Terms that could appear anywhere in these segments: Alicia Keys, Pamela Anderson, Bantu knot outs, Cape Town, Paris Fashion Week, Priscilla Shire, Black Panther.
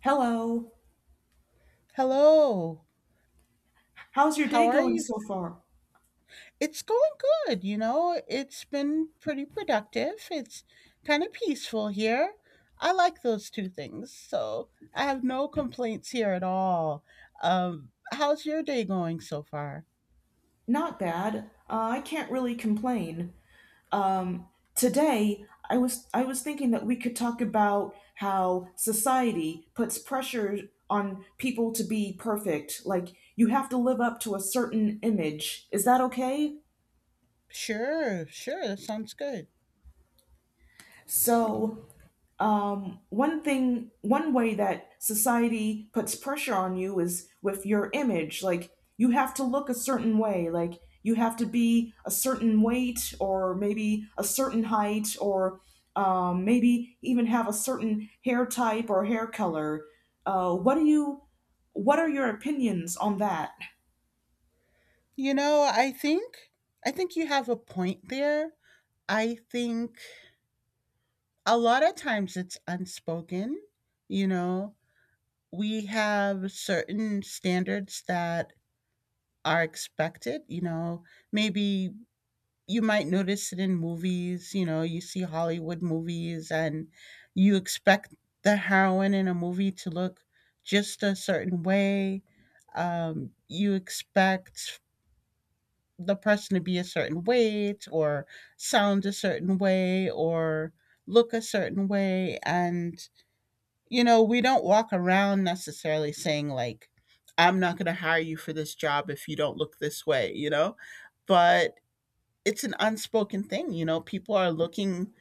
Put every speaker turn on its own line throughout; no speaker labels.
Hello.
Hello.
How's your
How
day
are
going
you?
so far?
It's going good, you know, it's been pretty productive. It's kinda peaceful here. I like those two things, so I have no complaints here at all. How's your day going so far?
Not bad. I can't really complain. Um, Today, I was thinking that we could talk about how society puts pressure on people to be perfect. Like you have to live up to a certain image. Is that okay?
Sure, sure, that sounds good. Yeah.
So One thing, one way that society puts pressure on you is with your image. Like, you have to look a certain way. Like, you have to be a certain weight, or maybe a certain height, or maybe even have a certain hair type or hair color. What do you? What are your opinions on that?
You know, I think you have a point there. I think a lot of times it's unspoken, you know? We have certain standards that are expected, you know. Maybe you might notice it in movies, you know, you see Hollywood movies, and you expect the heroine in a movie to look just a certain way. You expect the person to be a certain weight, or sound a certain way, or look a certain way. And you know, we don't walk around necessarily saying like, "I'm not going to hire you for this job if you don't look this way," you know? But it's an unspoken thing, you know, people are looking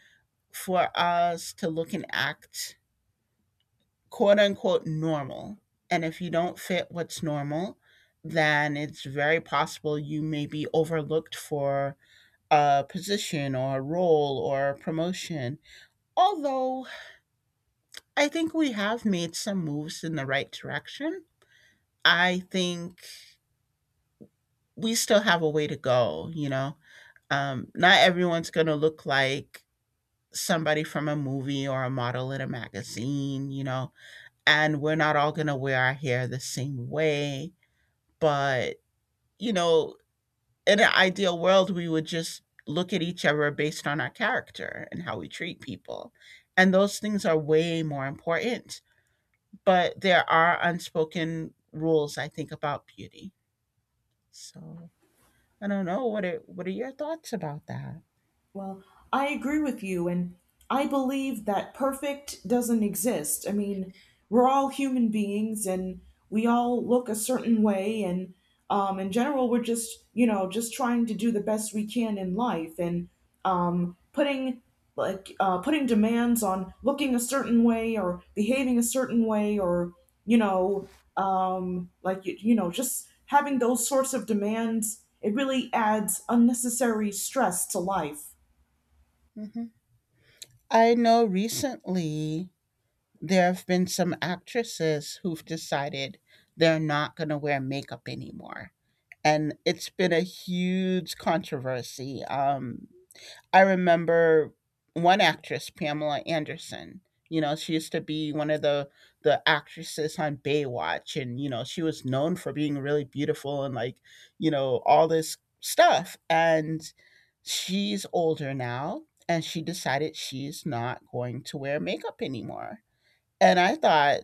for us to look and act quote unquote normal. And if you don't fit what's normal, then it's very possible you may be overlooked for a position or a role or a promotion. Although I think we have made some moves in the right direction, I think we still have a way to go, you know. Not everyone's going to look like somebody from a movie or a model in a magazine, you know, and we're not all going to wear our hair the same way. But, you know, in an ideal world, we would just look at each other based on our character and how we treat people. And those things are way more important. But there are unspoken rules, I think, about beauty. So, I don't know what it. What are your thoughts about that?
Well, I agree with you, and I believe that perfect doesn't exist. I mean, we're all human beings, and we all look a certain way, and in general, we're just just trying to do the best we can in life, and putting putting demands on looking a certain way or behaving a certain way, or you know, just having those sorts of demands. It really adds unnecessary stress to life.
Mhm. I know recently there have been some actresses who've decided they're not going to wear makeup anymore. And it's been a huge controversy. I remember one actress, Pamela Anderson. You know, she used to be one of the actresses on Baywatch, and you know, she was known for being really beautiful and like, you know, all this stuff. And she's older now, and she decided she's not going to wear makeup anymore. And I thought,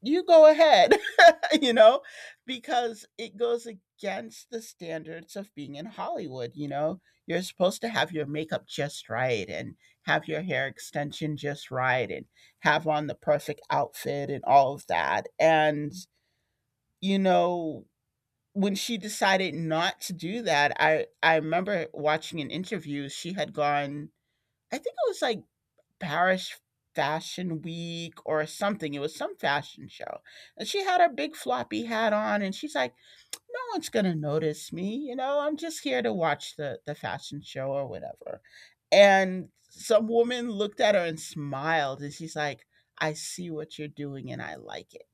you go ahead, you know, because it goes against the standards of being in Hollywood. You know, you're supposed to have your makeup just right, and have your hair extension just right, and have on the perfect outfit and all of that. And, you know, when she decided not to do that, I remember watching an interview. She had gone, I think it was like Paris Fashion Week or something. It was some fashion show. And she had her big floppy hat on and she's like, "No one's going to notice me, you know. I'm just here to watch the fashion show or whatever." And some woman looked at her and smiled and she's like, "I see what you're doing and I like it."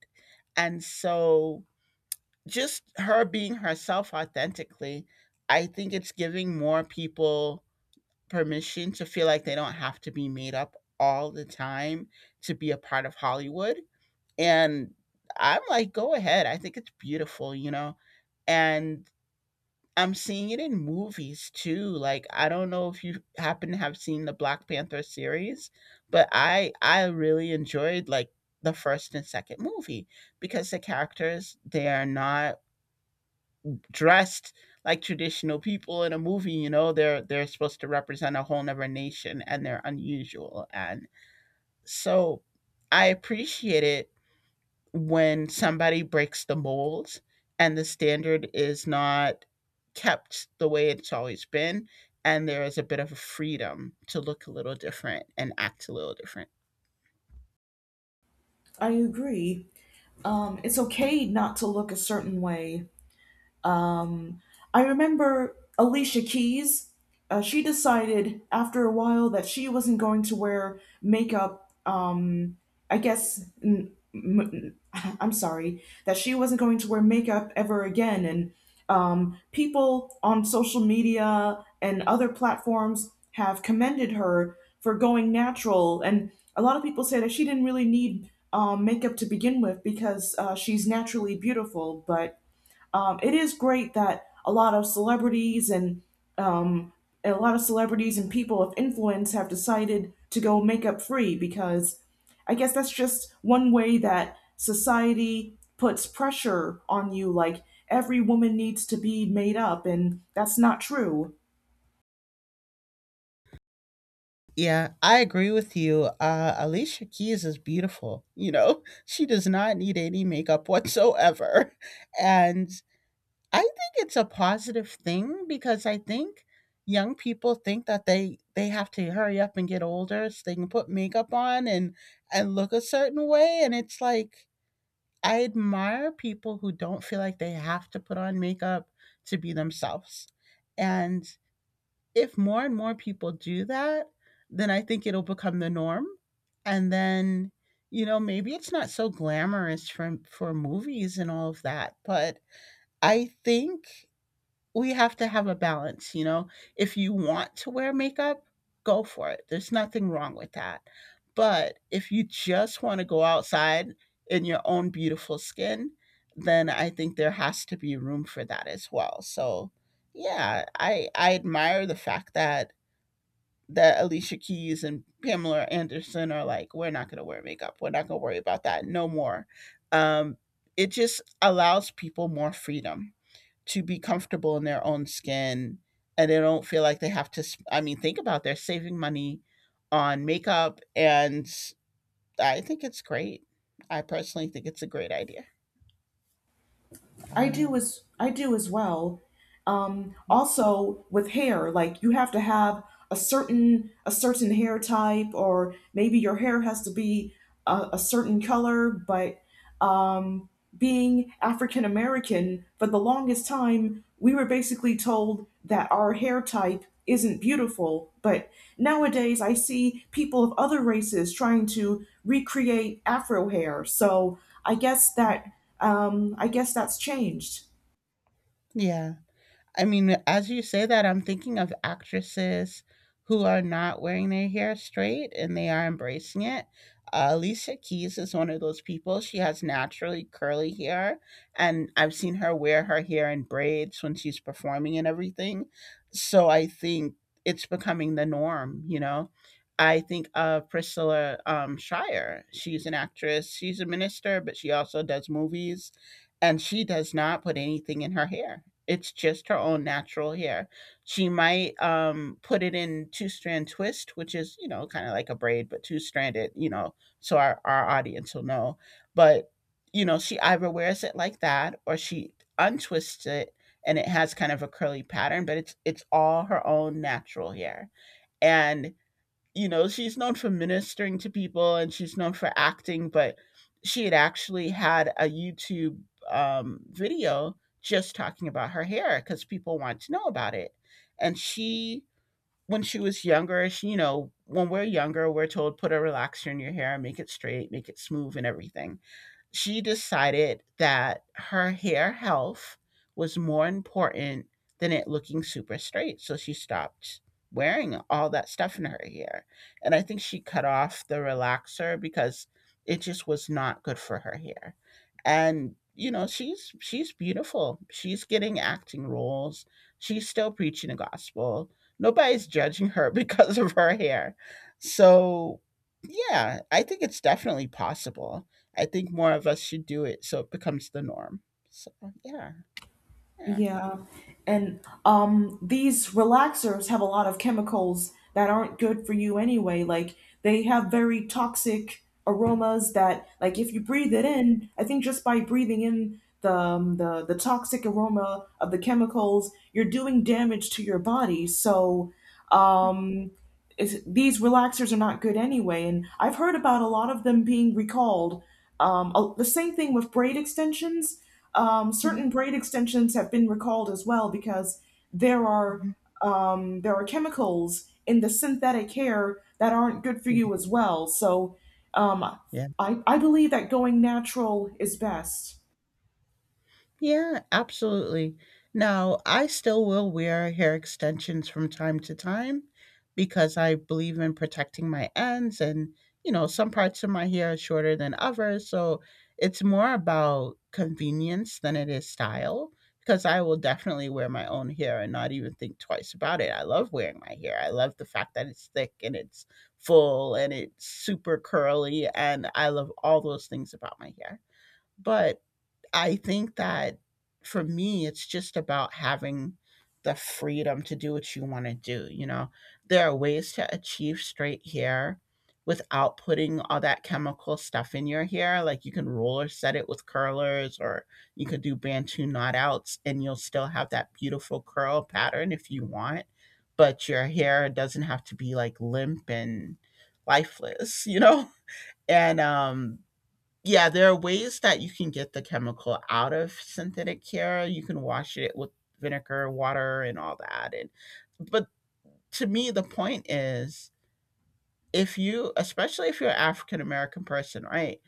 And so, just her being herself authentically, I think it's giving more people permission to feel like they don't have to be made up all the time to be a part of Hollywood. And I'm like, go ahead. I think it's beautiful, you know? And I'm seeing it in movies too. Like, I don't know if you happen to have seen the Black Panther series, but I really enjoyed like the first and second movie, because the characters, they are not dressed like traditional people in a movie. You know, they're supposed to represent a whole nother nation, and they're unusual. And so I appreciate it when somebody breaks the mold and the standard is not kept the way it's always been, and there is a bit of a freedom to look a little different and act a little different.
I agree. It's okay not to look a certain way. um, I remember Alicia Keys. She decided after a while that she wasn't going to wear makeup. I guess n- m- m- I'm sorry, that she wasn't going to wear makeup ever again. And people on social media and other platforms have commended her for going natural. And a lot of people say that she didn't really need makeup to begin with because she's naturally beautiful. But it is great that a lot of celebrities and um, people of influence have decided to go makeup free because I guess that's just one way that society puts pressure on you. Like every woman needs to be made up, and that's not true.
Yeah, I agree with you. Alicia Keys is beautiful. You know, she does not need any makeup whatsoever. And I think it's a positive thing, because I think young people think that they have to hurry up and get older so they can put makeup on and look a certain way. And it's like, I admire people who don't feel like they have to put on makeup to be themselves. And if more and more people do that, then I think it'll become the norm, and then, you know, maybe it's not so glamorous for movies and all of that, but I think we have to have a balance, you know? If you want to wear makeup, go for it, there's nothing wrong with that, but if you just wanna go outside in your own beautiful skin, then I think there has to be room for that as well. So, yeah, I admire the fact that Alicia Keys and Pamela Anderson are like, we're not going to wear makeup. We're not going to worry about that no more. Um, it just allows people more freedom to be comfortable in their own skin, and they don't feel like they have to. I mean, think about, they're saving money on makeup, and I think it's great. I personally think it's a great idea. Um,
I do as well. Also with hair, like you have to have a certain hair type, or maybe your hair has to be a certain color. But um, being African American, for the longest time, we were basically told that our hair type isn't beautiful. But nowadays, I see people of other races trying to recreate Afro hair. So I guess that I guess that's changed.
yeah. I mean, as you say that, I'm thinking of actresses who are not wearing their hair straight, and they are embracing it. Alicia Keys is one of those people. She has naturally curly hair, and I've seen her wear her hair in braids when she's performing and everything. So I think it's becoming the norm, you know. I think of Priscilla Shire. She's an actress. She's a minister, but she also does movies, and she does not put anything in her hair. It's just her own natural hair. She might put it in two strand twist, which is, you know, kind of like a braid, but two stranded. You know, so our audience will know. But you know, she either wears it like that or she untwists it, and it has kind of a curly pattern. But it's all her own natural hair, and you know, she's known for ministering to people, and she's known for acting, but she had actually had a YouTube video just talking about her hair because people want to know about it. And she, when she was younger, she, you know, when we're younger, we're told put a relaxer in your hair, make it straight, make it smooth, and everything. She decided that her hair health was more important than it looking super straight. So she stopped wearing all that stuff in her hair. And I think she cut off the relaxer because it just was not good for her hair. And you know, she's beautiful. She's getting acting roles. She's still preaching the gospel. Nobody's judging her because of her hair. So, yeah, I think it's definitely possible. I think more of us should do it so it becomes the norm. So yeah, yeah.
Yeah, and these relaxers have a lot of chemicals that aren't good for you anyway. Like they have very toxic aromas that, like, if you breathe it in, I think just by breathing in the toxic aroma of the chemicals, you're doing damage to your body. So, um, is these relaxers are not good anyway. And I've heard about a lot of them being recalled. Um, the same thing with braid extensions. Certain braid extensions have been recalled as well because there are there are chemicals in the synthetic hair that aren't good for you as well. So um,
Yeah.
I believe that going natural is best.
Yeah, absolutely. Now, I still will wear hair extensions from time to time because I believe in protecting my ends, and, you know, some parts of my hair are shorter than others, so it's more about convenience than it is style, because I will definitely wear my own hair and not even think twice about it. I love wearing my hair. I love the fact that it's thick and it's full and it's super curly, and I love all those things about my hair. But I think that for me, it's just about having the freedom to do what you want to do. You know, there are ways to achieve straight hair without putting all that chemical stuff in your hair. Like, you can roller set it with curlers, or you could do Bantu knot outs, and you'll still have that beautiful curl pattern if you want. But your hair doesn't have to be like limp and lifeless, you know? And yeah, there are ways that you can get the chemical out of synthetic hair. You can wash it with vinegar, water, and all that. And but to me, the point is, if you, especially if you're an African American person, right?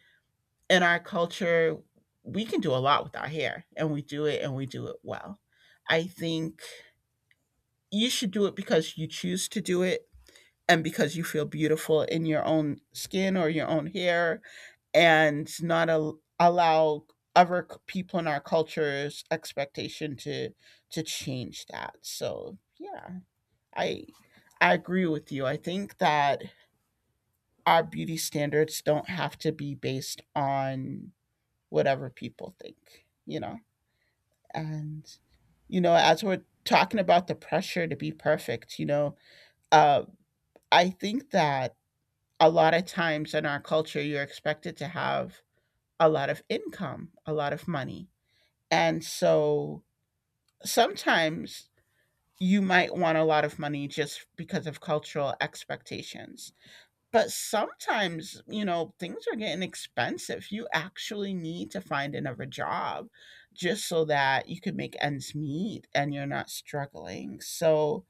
In our culture, we can do a lot with our hair, and we do it, and we do it well. I think you should do it because you choose to do it, and because you feel beautiful in your own skin or your own hair and not al allow people in our culture's expectation to change that. So yeah, i I agree with you. I think that our beauty standards don't have to be based on whatever people think. And as we're talking about the pressure to be perfect uh, I think that a lot of times in our culture you're expected to have a lot of income, a lot of money. And so sometimes you might want a lot of money just because of cultural expectations. But sometimes, you know, things are getting expensive. You actually need to find another job just so that you can make ends meet and you're not struggling. So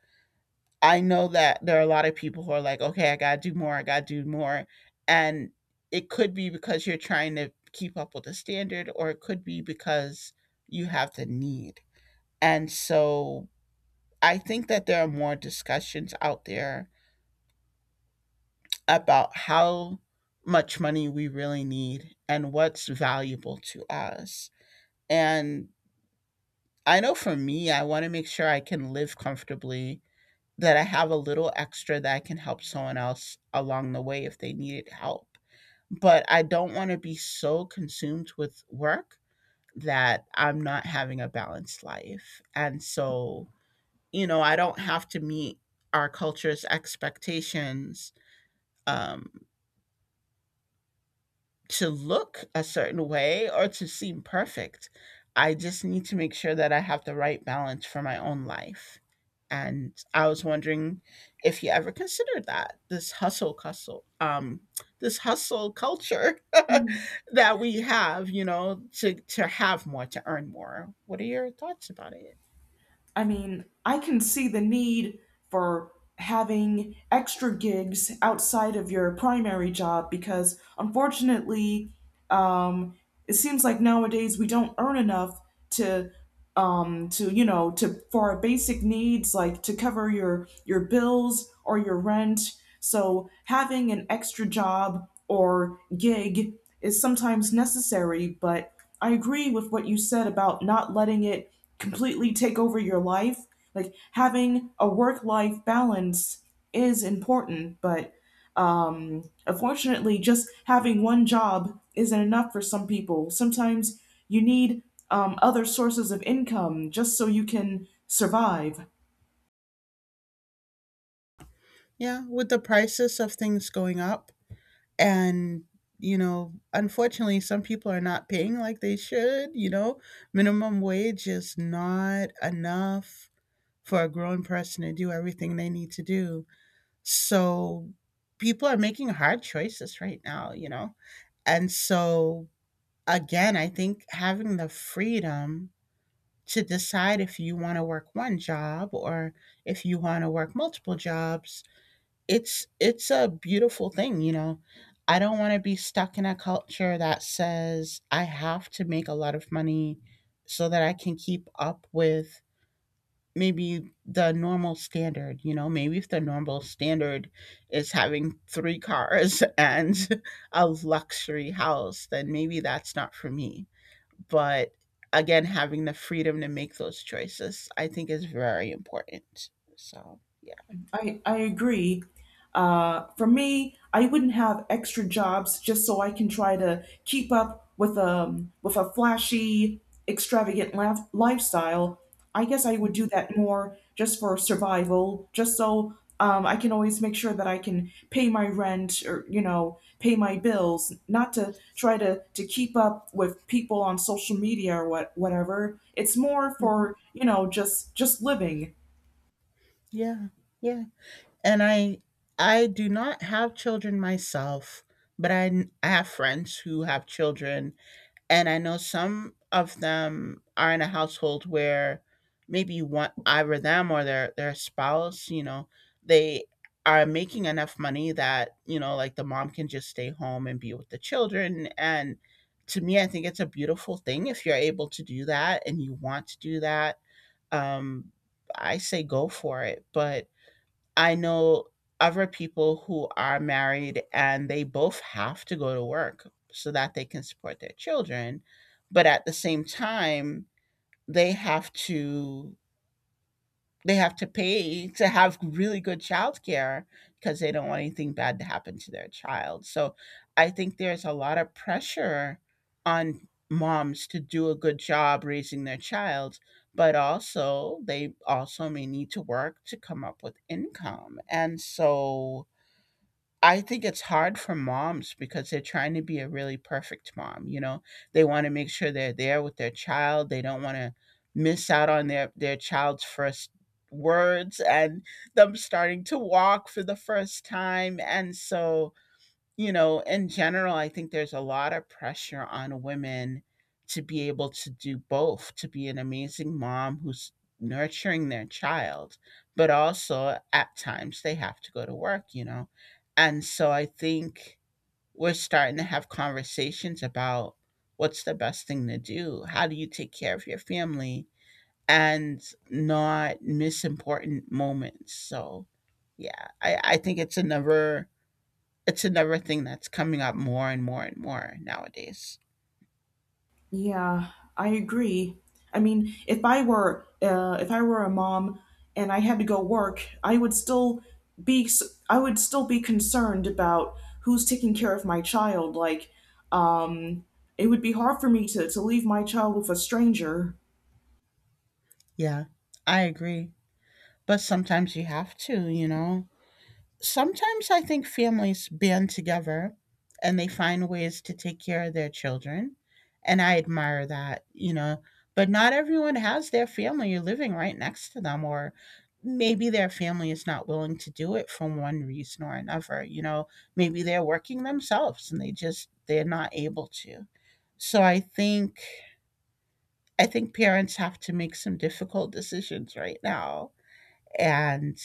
I know that there are a lot of people who are like, okay, I got to do more, I got to do more. And it could be because you're trying to keep up with the standard, or it could be because you have the need. And so I think that there are more discussions out there about how much money we really need and what's valuable to us. And I know for me, I want to make sure I can live comfortably, that I have a little extra that I can help someone else along the way if they needed help. But I don't want to be so consumed with work that I'm not having a balanced life. And so I don't have to meet our culture's expectations um, to look a certain way or to seem perfect. I just need to make sure that I have the right balance for my own life. And I was wondering if you ever considered that this this hustle culture that we have, you know, to have more, to earn more. What are your thoughts about it?
I mean, I can see the need for having extra gigs outside of your primary job because unfortunately, um, it seems like nowadays we don't earn enough to for our basic needs, like to cover your bills or your rent. So having an extra job or gig is sometimes necessary, but I agree with what you said about not letting it completely take over your life. Like having a work life balance is important, but unfortunately, just having one job isn't enough for some people. Sometimes you need other sources of income just so you can survive.
Yeah, with the prices of things going up, and, you know, unfortunately, some people are not paying like they should, you know. Minimum wage is not enough for a grown person to do everything they need to do. So people are making hard choices right now, you know. And so again, I think having the freedom to decide if you want to work one job or if you want to work multiple jobs, it's a beautiful thing, you know. I don't want to be stuck in a culture that says I have to make a lot of money so that I can keep up with maybe the normal standard, you know. Maybe if the normal standard is having 3 cars and a luxury house, then maybe that's not for me. But again, having the freedom to make those choices I think is very important. So, yeah.
I agree. For me, I wouldn't have extra jobs just so I can try to keep up with a flashy, extravagant lifestyle. I guess I would do
Mhm.
that more just for survival, just so I can always make sure that I can pay my rent or pay my bills, not to try to keep up with people on social media or whatever. It's more
Mhm.
for just living.
Yeah. Yeah. And I do not have children myself, but I have friends who have children. And I know some of them are in a household where maybe one, either them or their spouse, you know, they are making enough money that, you know, like the mom can just stay home and be with the children. And to me, I think it's a beautiful thing if you're able to do that and you want to do that um I say go for it. But I know other people who are married and they both have to go to work so that they can support their children. But at the same time, they have to they have to pay to have really good childcare because they don't want anything bad to happen to their child. So I think there's a lot of pressure on moms to do a good job raising their child, but also they also may need to work to come up with income. And so I think it's hard for moms because they're trying to be a really perfect mom, you know? They wanna make sure they're there with their child, they don't wanna miss out on their child's first words and them starting to walk for the first time. And so, you know, in general, I think there's a lot of pressure on women to be able to do both, to be an amazing mom who's nurturing their child, but also at times they have to go to work, you know. And so I think we're starting to have conversations about what's the best thing to do? How do you take care of your family and not miss important moments? So, yeah, I think it's another, it's another thing that's coming up more and more and more nowadays.
Yeah, I agree. I mean, if I were a mom and I had to go work, I would still I would still be concerned about who's taking care of my child. Like, um, it would be hard for me to leave my child with a stranger.
Yeah, I agree. But sometimes you have to, you know. Sometimes I think families band together and they find ways to take care of their children. And I admire that, you know. But not everyone has their family living right next to them, or maybe their family is not willing to do it for one reason or another. You know, maybe they're working themselves and they're not able to. So I think parents have to make some difficult decisions right now. And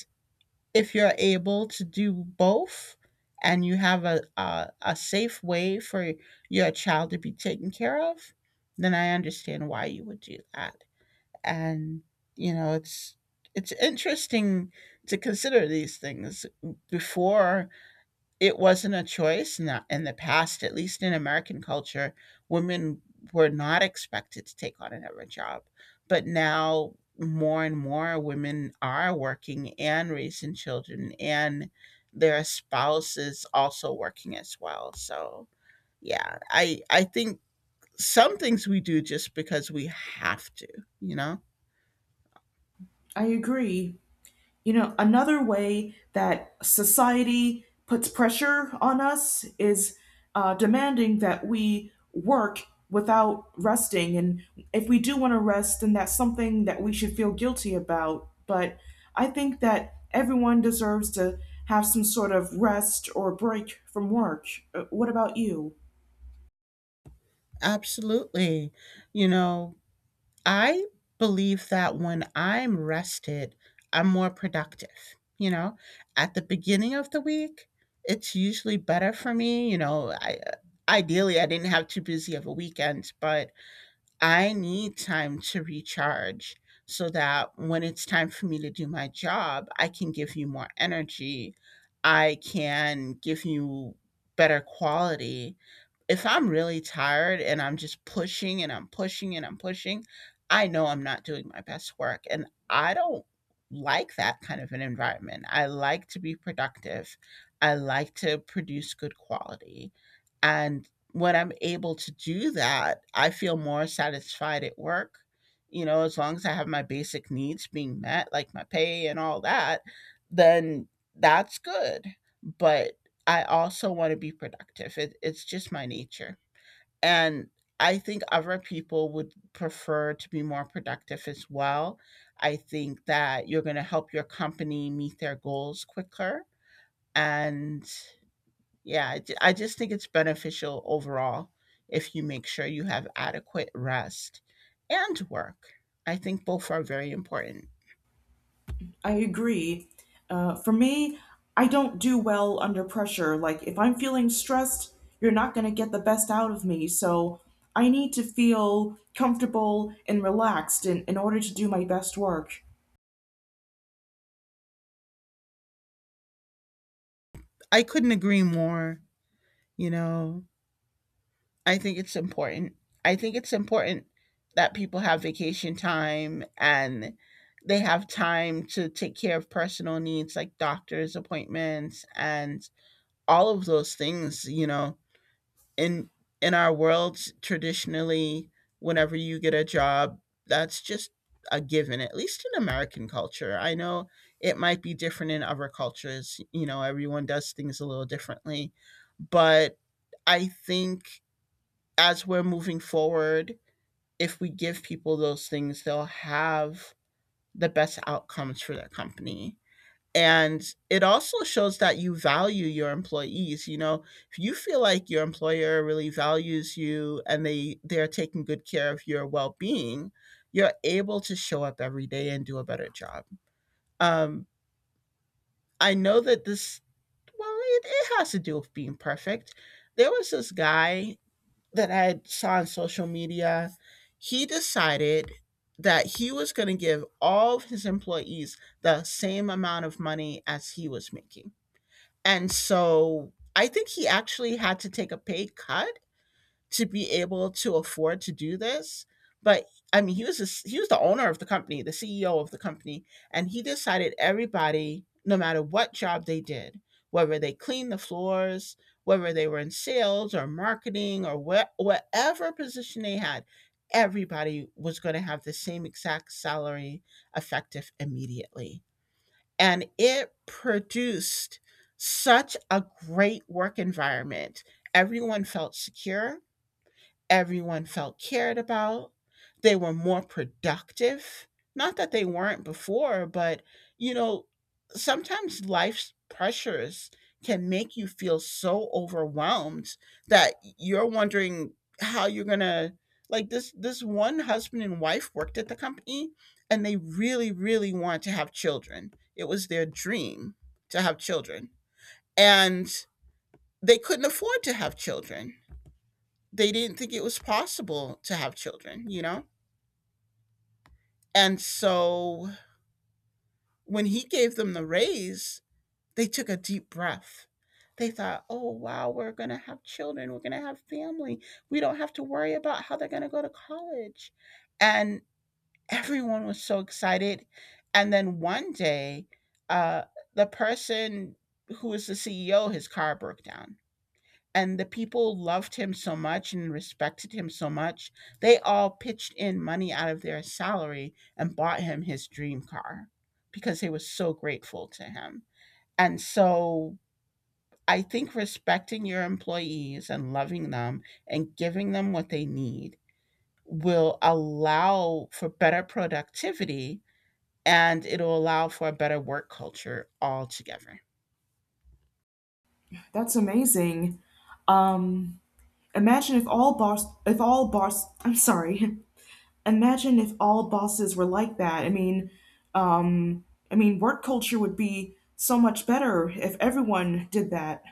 if you're able to do both and you have a safe way for your child to be taken care of, then I understand why you would do that. And, you know, it's interesting to consider these things. Before, it wasn't a choice in in the past, at least in American culture. Women were not expected to take on another job, but now more and more women are working and raising children, and their spouses also working as well. So yeah, I think some things we do just because we have to, you know.
I agree. You know, another way that society puts pressure on us is demanding that we work without resting. And if we do want to rest, then that's something that we should feel guilty about. But I think that everyone deserves to have some sort of rest or break from work. What about you?
Absolutely, you know. I believe that when I'm rested, I'm more productive. You know, at the beginning of the week, it's usually better for me. You know, I ideally I didn't have too busy of a weekend, but I need time to recharge so that when it's time for me to do my job, I can give you more energy. I can give you better quality. If I'm really tired and I'm just pushing and I'm pushing and I'm pushing, I know I'm not doing my best work. And I don't like that kind of an environment. I like to be productive, I like to produce good quality. And when I'm able to do that, I feel more satisfied at work. You know, as long as I have my basic needs being met, like my pay and all that, then that's good. But I also want to be productive. It's just my nature. And I think other people would prefer to be more productive as well. I think that you're going to help your company meet their goals quicker. And yeah, I just think it's beneficial overall if you make sure you have adequate rest and work. I think both are very important.
I agree. For me, I don't do well under pressure. Like, if I'm feeling stressed, you're not going to get the best out of me. So, I need to feel comfortable and relaxed in order to do my best work.
I couldn't agree more. You know, I think it's important. I think it's important that people have vacation time and they have time to take care of personal needs like doctor's appointments and all of those things, you know, in in our world traditionally, whenever you get a job, that's just a given, at least in American culture. I know it might be different in other cultures, you know, everyone does things a little differently. But I think as we're moving forward, if we give people those things, they'll have the best outcomes for their company, and it also shows that you value your employees. You know, if you feel like your employer really values you and they're taking good care of your well-being, you're able to show up every day and do a better job. Um, I know that this, well, it has to do with being perfect. There was this guy that I saw on social media. He decided that he was going to give all of his employees the same amount of money as he was making, and so I think he actually had to take a pay cut to be able to afford to do this. But I mean, he was he was the owner of the company, the CEO of the company, and he decided everybody, no matter what job they did, whether they cleaned the floors, whether they were in sales or marketing or whatever position they had, everybody was going to have the same exact salary effective immediately. And it produced such a great work environment. Everyone felt secure. Everyone felt cared about. They were more productive. Not that they weren't before, but you know, sometimes life's pressures can make you feel so overwhelmed that you're wondering how you're going to, like, this one husband and wife worked at the company and they really really want to have children. It was their dream to have children. And they couldn't afford to have children, they didn't think it was possible to have children, you know? And so when he gave them the raise, they took a deep breath. They thought, oh, wow, we're going to have children. We're going to have family. We don't have to worry about how they're going to go to college. And everyone was so excited. And then one day, uh, the person who was the CEO, his car broke down and the people loved him so much and respected him so much, they all pitched in money out of their salary and bought him his dream car because they were so grateful to him. And so I think respecting your employees and loving them and giving them what they need will allow for better productivity and it'll allow for a better work culture altogether.
That's amazing. Um, imagine if all boss, I'm sorry. Imagine if all bosses were like that. Um, I mean, work culture would be so much better if everyone did that.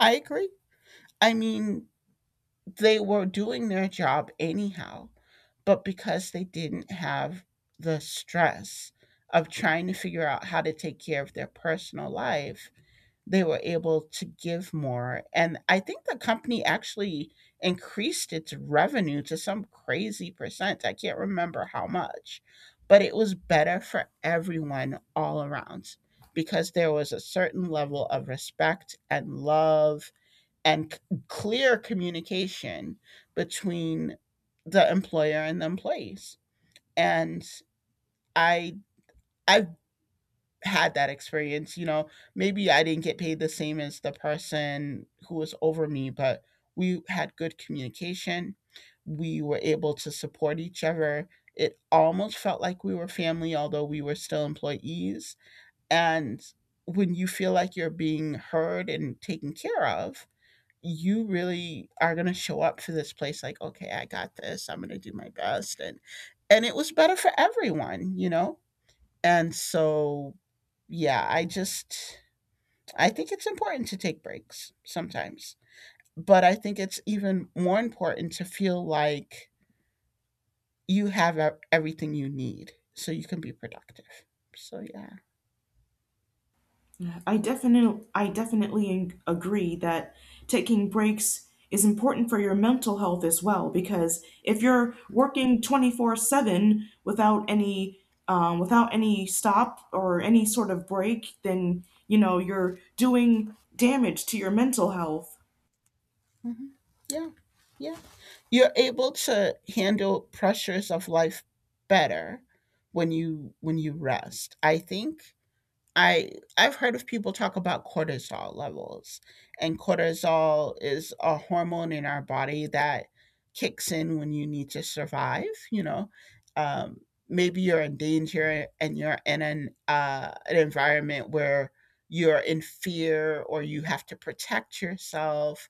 I agree. I mean, they were doing their job anyhow but because they didn't have the stress of trying to figure out how to take care of their personal life, they were able to give more. And I think the company actually increased its revenue to some crazy percent. I can't remember how much, but it was better for everyone all around because there was a certain level of respect and love and clear communication between the employer and the employees. And I I've had that experience, maybe I didn't get paid the same as the person who was over me, but we had good communication. We were able to support each other. It almost felt like we were family, although we were still employees. And when you feel like you're being heard and taken care of, you really are going to show up for this place like, okay, I got this. I'm going to do my best. And it was better for everyone. And so yeah, I think it's important to take breaks sometimes, but I think it's even more important to feel like you have everything you need so you can be productive, so yeah.
I definitely agree that taking breaks is important for your mental health as well, because if you're working 24/7 without any without any stop or any sort of break, then you know you're doing damage to your mental health.
Mhm. Yeah. Yeah, you're able to handle pressures of life better when you rest. I think I I've heard of people talk about cortisol levels, and cortisol is a hormone in our body that kicks in when you need to survive. Um, maybe you're in danger and you're in an environment where you're in fear or you have to protect yourself,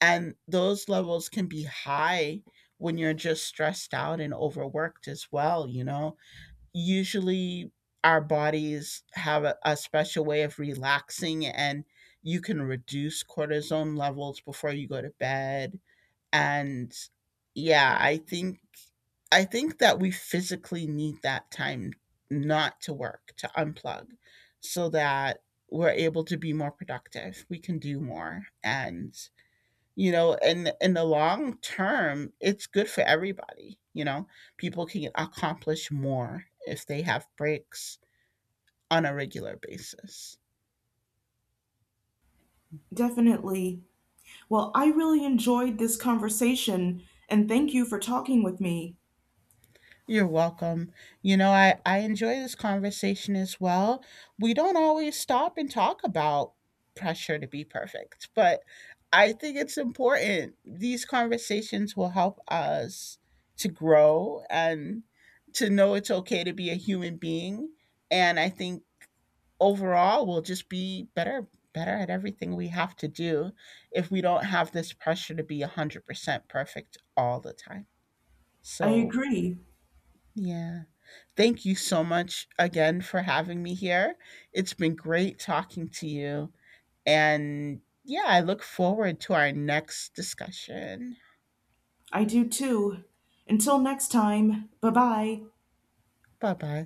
and those levels can be high when you're just stressed out and overworked as well. You know, usually our bodies have a special way of relaxing and you can reduce cortisone levels before you go to bed. And yeah, I think that we physically need that time, not to work, to unplug, so that we're able to be more productive. We can do more. And and in the long term it's good for everybody. People can accomplish more if they have breaks on a regular basis.
Definitely. Well, I really enjoyed this conversation, and thank you for talking with me.
You're welcome. You know, I enjoy this conversation as well. We don't always stop and talk about pressure to be perfect, but I think it's important. These conversations will help us to grow and to know it's okay to be a human being. And I think overall we'll just be better at everything we have to do if we don't have this pressure to be 100% perfect all the time.
I
So
agree.
yeah, thank you so much again for having me here. It's been great talking to you. And yeah, I look forward to our next discussion.
I do too. Until next time, bye bye.
Bye bye.